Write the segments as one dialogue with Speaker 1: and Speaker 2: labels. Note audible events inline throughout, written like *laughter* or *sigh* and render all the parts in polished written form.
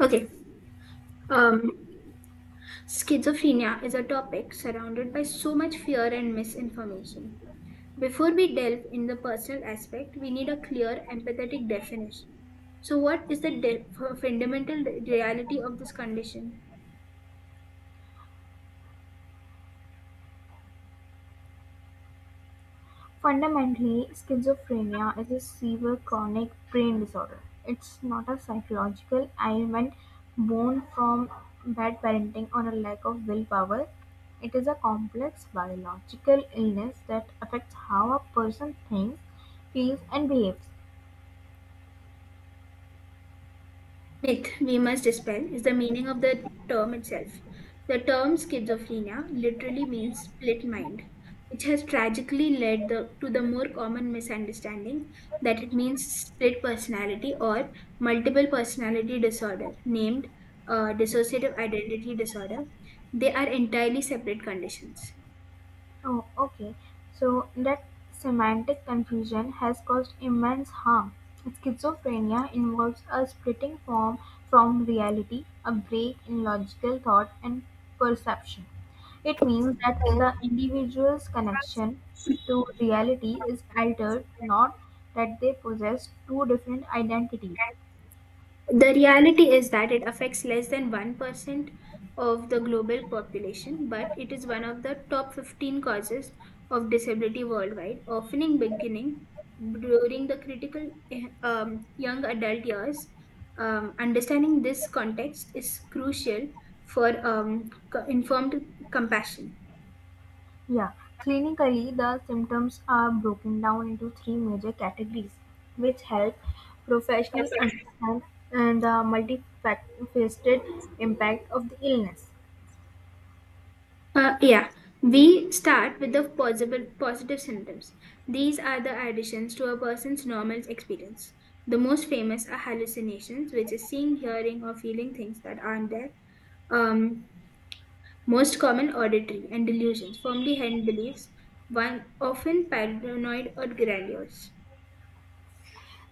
Speaker 1: Okay. Um, Schizophrenia is a topic surrounded by so much fear and misinformation. Before we delve in the personal aspect, we need a clear empathetic definition. So, what is the fundamental reality of this condition?
Speaker 2: Fundamentally, schizophrenia is a severe chronic brain disorder; it's not a psychological ailment born from bad parenting or a lack of willpower. It is a complex biological illness that affects how a person thinks, feels, and behaves.
Speaker 1: Myth we must dispel is the meaning of the term itself. The term schizophrenia literally means split mind, which has tragically led to the more common misunderstanding that it means split personality or multiple personality disorder, named dissociative identity disorder. They are entirely separate conditions.
Speaker 2: Oh, okay. So that semantic confusion has caused immense harm. Schizophrenia involves a splitting form from reality, a break in logical thought and perception. It means that the individual's connection to reality is altered, not that they possess two different identities.
Speaker 1: The reality is that it affects less than 1% of the global population, but it is one of the top 15 causes of disability worldwide, often in beginning during the critical young adult years. Understanding this context is crucial for informed compassion.
Speaker 2: Yeah, clinically, the symptoms are broken down into three major categories, which help professionals understand the multifaceted impact of the illness.
Speaker 1: Yeah, we start with the possible positive symptoms. These are the additions to a person's normal experience. The most famous are hallucinations, which is seeing, hearing, or feeling things that aren't there. Um, Most common auditory and delusions, formerly held beliefs, one often paranoid or grandiose.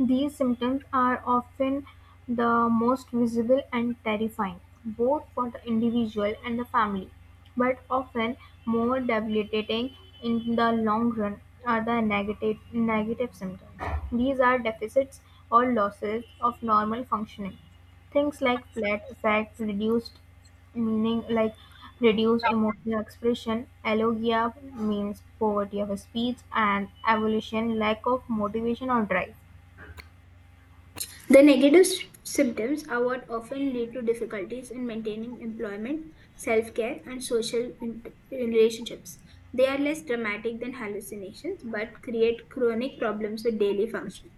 Speaker 2: These symptoms are often the most visible and terrifying, both for the individual and the family, but often more debilitating in the long run are the negative symptoms. These are deficits or losses of normal functioning. Things like flat effect, reduced meaning like reduced emotional expression, alogia means poverty of speech, and evolution lack of motivation or drive.
Speaker 1: The negative symptoms are what often lead to difficulties in maintaining employment, self care, and social relationships. They are less dramatic than hallucinations but create chronic problems with daily function.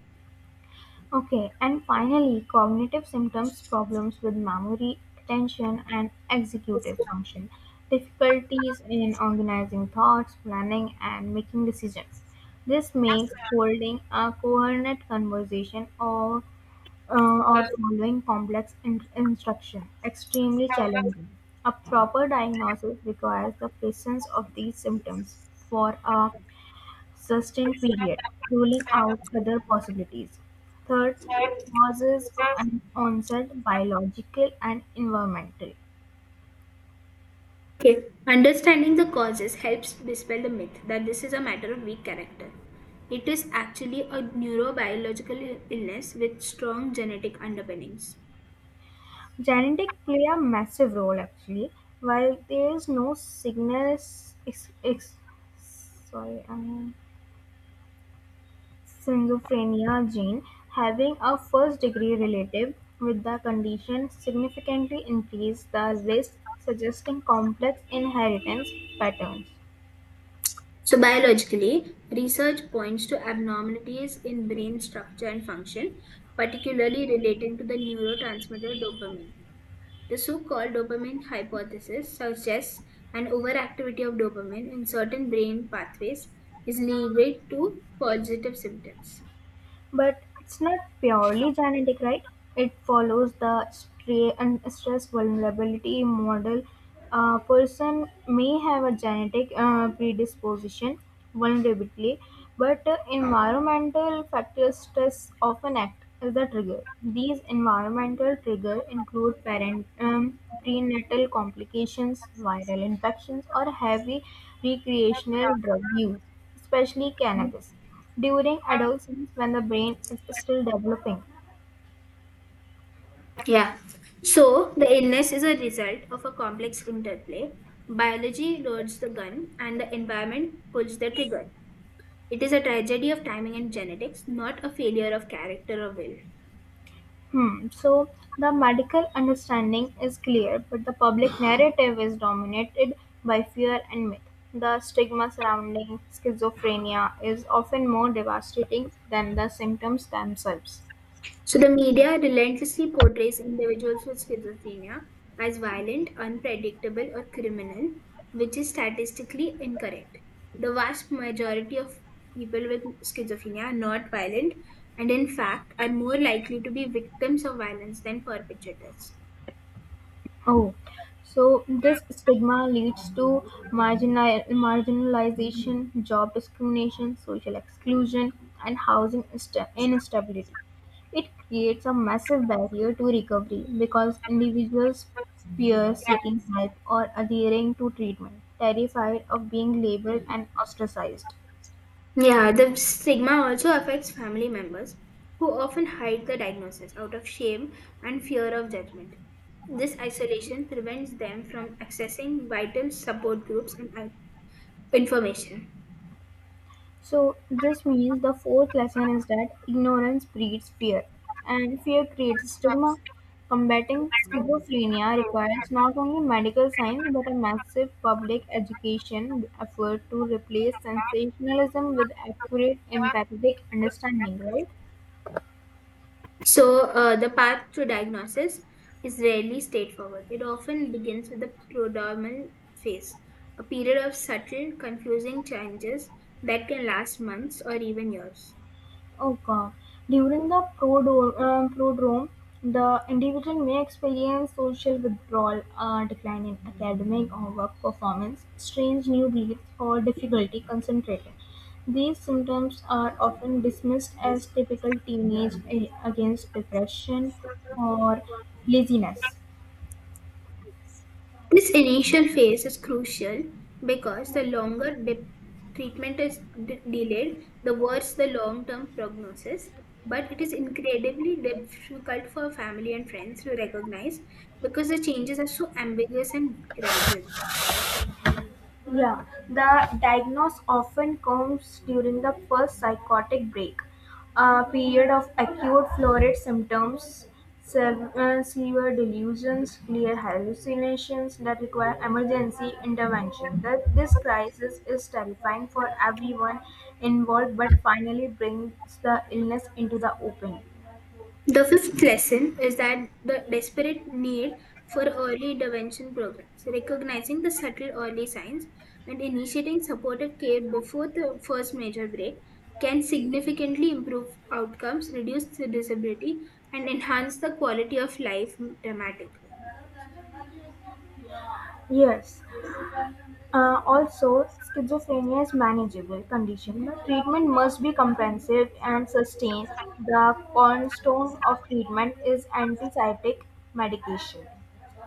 Speaker 2: Okay, and finally, cognitive symptoms problems with memory, attention, and executive function, difficulties in organizing thoughts, planning, and making decisions. This makes holding a coherent conversation or following complex instruction extremely challenging. A proper diagnosis requires the presence of these symptoms for a sustained period, ruling out other possibilities. Third, causes and onset, biological and environmental.
Speaker 1: Okay. Understanding the causes helps dispel the myth that this is a matter of weak character. It is actually a neurobiological illness with strong genetic underpinnings.
Speaker 2: Genetic play a massive role actually. While there is no signal, ex, ex, sorry, um, schizophrenia gene, having a first degree relative with the condition significantly increases the risk, suggesting complex inheritance patterns.
Speaker 1: So biologically, research points to abnormalities in brain structure and function, particularly relating to the neurotransmitter dopamine. The so-called dopamine hypothesis suggests an overactivity of dopamine in certain brain pathways is linked to positive symptoms.
Speaker 2: But it's not purely genetic, right? It follows the stra- and stress vulnerability model. A person may have a genetic predisposition, vulnerability, but environmental factors stress often act as the trigger. These environmental triggers include prenatal complications, viral infections, or heavy recreational drug use, especially cannabis during adolescence when the brain is still developing.
Speaker 1: Yeah. So the illness is a result of a complex interplay. Biology loads the gun and the environment pulls the trigger. It is a tragedy of timing and genetics, not a failure of character or will.
Speaker 2: Hmm. So the medical understanding is clear, but the public *sighs* narrative is dominated by fear and myth. The stigma surrounding schizophrenia is often more devastating than the symptoms themselves.
Speaker 1: So, the media relentlessly portrays individuals with schizophrenia as violent, unpredictable, or criminal, which is statistically incorrect. The vast majority of people with schizophrenia are not violent and, in fact, are more likely to be victims of violence than perpetrators.
Speaker 2: Oh, so this stigma leads to marginalization, job discrimination, social exclusion, and housing insta- instability. It creates a massive barrier to recovery because individuals fear seeking help or adhering to treatment, terrified of being labeled and ostracized.
Speaker 1: Yeah, the stigma also affects family members who often hide the diagnosis out of shame and fear of judgment. This isolation prevents them from accessing vital support groups and information.
Speaker 2: So, this means the fourth lesson is that ignorance breeds fear, and fear creates stigma. Combating schizophrenia requires not only medical science but a massive public education effort to replace sensationalism with accurate empathetic understanding, right?
Speaker 1: So, the path to diagnosis is rarely straightforward. It often begins with the prodromal phase, a period of subtle, confusing changes that can last months or even years.
Speaker 2: Oh God. During the prodrome, the individual may experience social withdrawal, a decline in academic or work performance, strange new beliefs, or difficulty concentrating. These symptoms are often dismissed as typical teenage against depression or laziness.
Speaker 1: This initial phase is crucial because the longer the treatment is delayed, the worse the long term prognosis. But it is incredibly difficult for family and friends to recognize because the changes are so ambiguous and gradual.
Speaker 2: Yeah, the diagnosis often comes during the first psychotic break, a period of acute florid symptoms, severe delusions, clear hallucinations that require emergency intervention. That this crisis is terrifying for everyone involved, but finally brings the illness into the open.
Speaker 1: The fifth lesson is that the desperate need for early intervention programs, recognizing the subtle early signs and initiating supportive care before the first major break, can significantly improve outcomes, reduce the disability, and enhance the quality of life dramatically.
Speaker 2: Yes. Also, schizophrenia is manageable condition, but treatment must be comprehensive and sustained. The cornerstone of treatment is antipsychotic medication.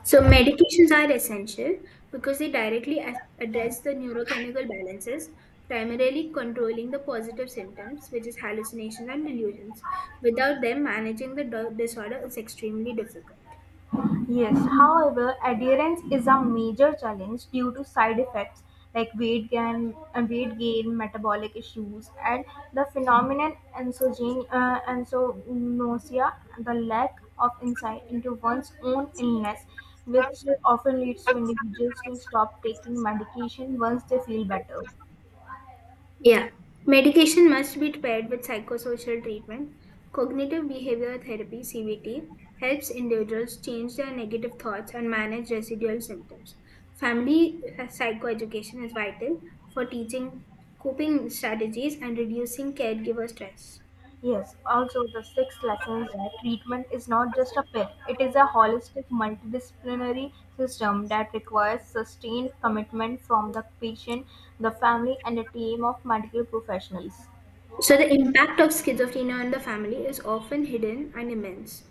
Speaker 1: So medications are essential because they directly address the neurochemical balances, primarily controlling the positive symptoms, which is hallucinations and delusions. Without them, managing the disorder is extremely difficult.
Speaker 2: Yes, however, adherence is a major challenge due to side effects like weight gain, metabolic issues, and the phenomenon ensognosia, the lack of insight into one's own illness, which often leads to individuals to stop taking medication once they feel better.
Speaker 1: Yeah. Medication must be paired with psychosocial treatment. Cognitive behavior therapy CBT helps individuals change their negative thoughts and manage residual symptoms. Family psychoeducation is vital for teaching coping strategies and reducing caregiver stress.
Speaker 2: Yes, also the sixth lesson is that treatment is not just a pill, it is a holistic multidisciplinary system that requires sustained commitment from the patient, the family, and a team of medical professionals.
Speaker 1: So, the impact of schizophrenia on the family is often hidden and immense.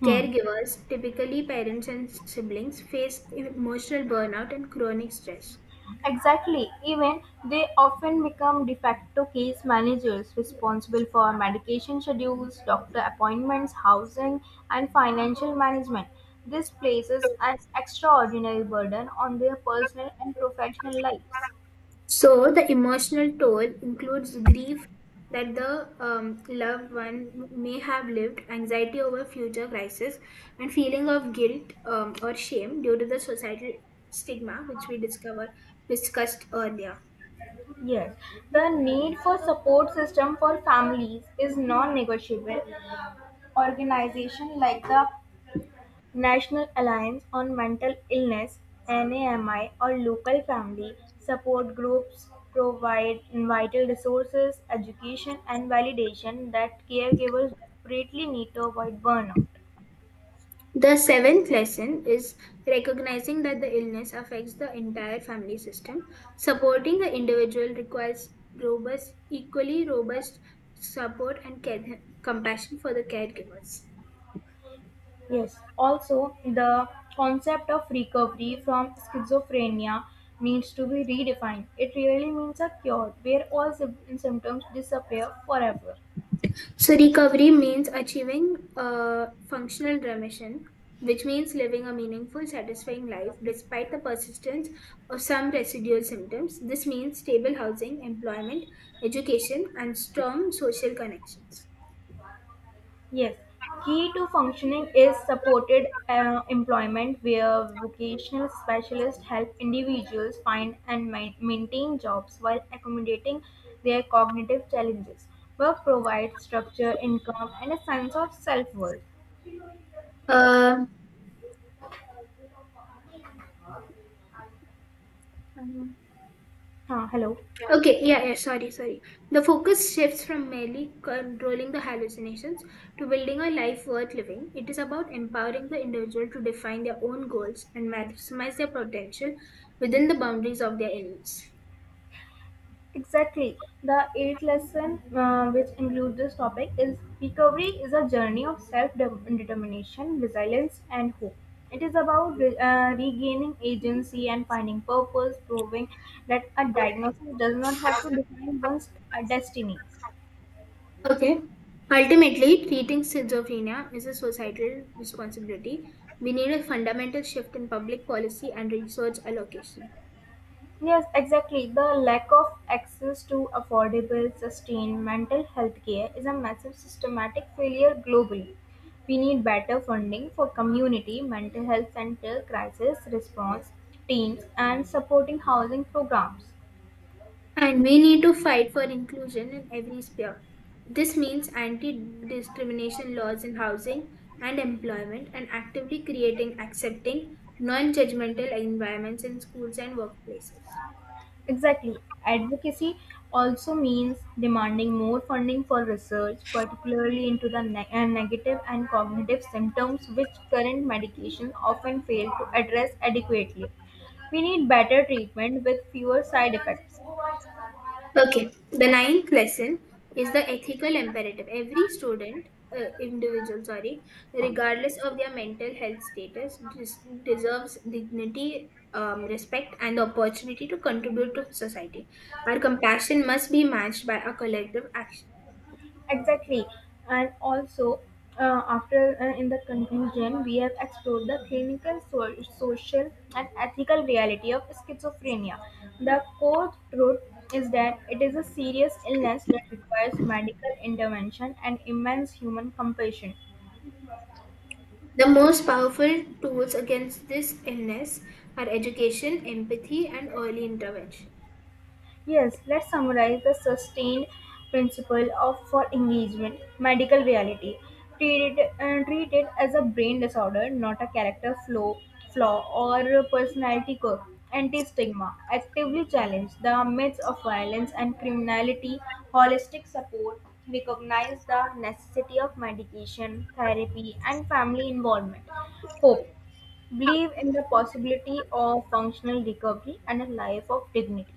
Speaker 2: Hmm.
Speaker 1: Caregivers, typically parents and siblings, face emotional burnout and chronic stress.
Speaker 2: Exactly. Even they often become de facto case managers responsible for medication schedules, doctor appointments, housing, and financial management. This places an extraordinary burden on their personal and professional lives.
Speaker 1: So the emotional toll includes grief that the loved one may have lived, anxiety over future crisis, and feeling of guilt or shame due to the societal stigma, which we discover discussed earlier.
Speaker 2: Yes, the need for support system for families is non-negotiable. Organization like the National Alliance on Mental Illness (NAMI) or local family support groups provide vital resources, education, and validation that caregivers desperately need to avoid burnout.
Speaker 1: The seventh lesson is recognizing that the illness affects the entire family system. Supporting the individual requires robust, equally robust support and care, compassion for the caregivers.
Speaker 2: Yes, also the concept of recovery from schizophrenia needs to be redefined. It really means a cure where all symptoms disappear forever.
Speaker 1: So recovery means achieving a functional remission, which means living a meaningful, satisfying life despite the persistence of some residual symptoms. This means stable housing, employment, education, and strong social connections.
Speaker 2: Yes, key to functioning is supported employment where vocational specialists help individuals find and maintain jobs while accommodating their cognitive challenges. Work provides structure, income, and a sense of self worth.
Speaker 1: Um
Speaker 2: Hello.
Speaker 1: Okay, yeah, yeah, sorry, sorry. The focus shifts from merely controlling the hallucinations to building a life worth living. It is about empowering the individual to define their own goals and maximize their potential within the boundaries of their illness.
Speaker 2: Exactly. The eighth lesson, which includes this topic, is recovery is a journey of self determination, resilience, and hope. It is about regaining agency and finding purpose, proving that a diagnosis does not have to define one's destiny.
Speaker 1: Okay. Ultimately, treating schizophrenia is a societal responsibility. We need a fundamental shift in public policy and resource allocation.
Speaker 2: Yes, exactly. The lack of access to affordable, sustained mental health care is a massive systematic failure globally. We need better funding for community mental health center crisis response teams and supporting housing programs.
Speaker 1: And we need to fight for inclusion in every sphere. This means anti discrimination laws in housing and employment and actively creating accepting, non judgmental environments in schools and workplaces.
Speaker 2: Exactly. Advocacy also means demanding more funding for research, particularly into the negative and cognitive symptoms which current medication often fail to address adequately. We need better treatment with fewer side effects.
Speaker 1: Okay, the ninth lesson is the ethical imperative. Every individual, sorry, regardless of their mental health status, deserves dignity, respect, and the opportunity to contribute to society. Our compassion must be matched by our collective action.
Speaker 2: Exactly. And also, after in the conclusion, we have explored the clinical, social, and ethical reality of schizophrenia. The core truth is that it is a serious illness that requires medical intervention and immense human compassion.
Speaker 1: The most powerful tools against this illness are education, empathy, and early intervention.
Speaker 2: Yes, let's summarize the sustained principle of for engagement, medical reality. Treat it as a brain disorder, not a character flaw or a personality quirk. Anti-stigma, actively challenge the myths of violence and criminality. Holistic support, recognize the necessity of medication, therapy, and family involvement. Hope, believe in the possibility of functional recovery and a life of dignity.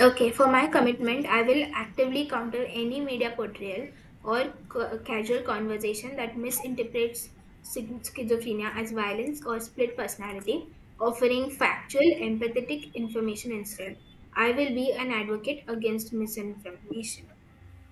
Speaker 1: Okay, for my commitment, I will actively counter any media portrayal or casual conversation that misinterprets schizophrenia as violence or split personality, offering factual, empathetic information instead. I will be an advocate against misinformation.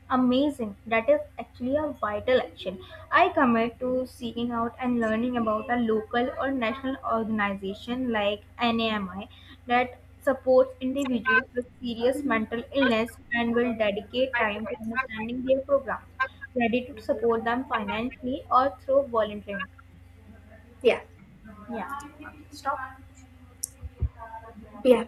Speaker 2: Amazing. That is actually a vital action. I commit to seeking out and learning about a local or national organization like NAMI that supports individuals with serious mental illness and will dedicate time to understanding their programs, ready to support them financially or through volunteering.
Speaker 1: Yeah,
Speaker 2: Yeah.
Speaker 1: yeah.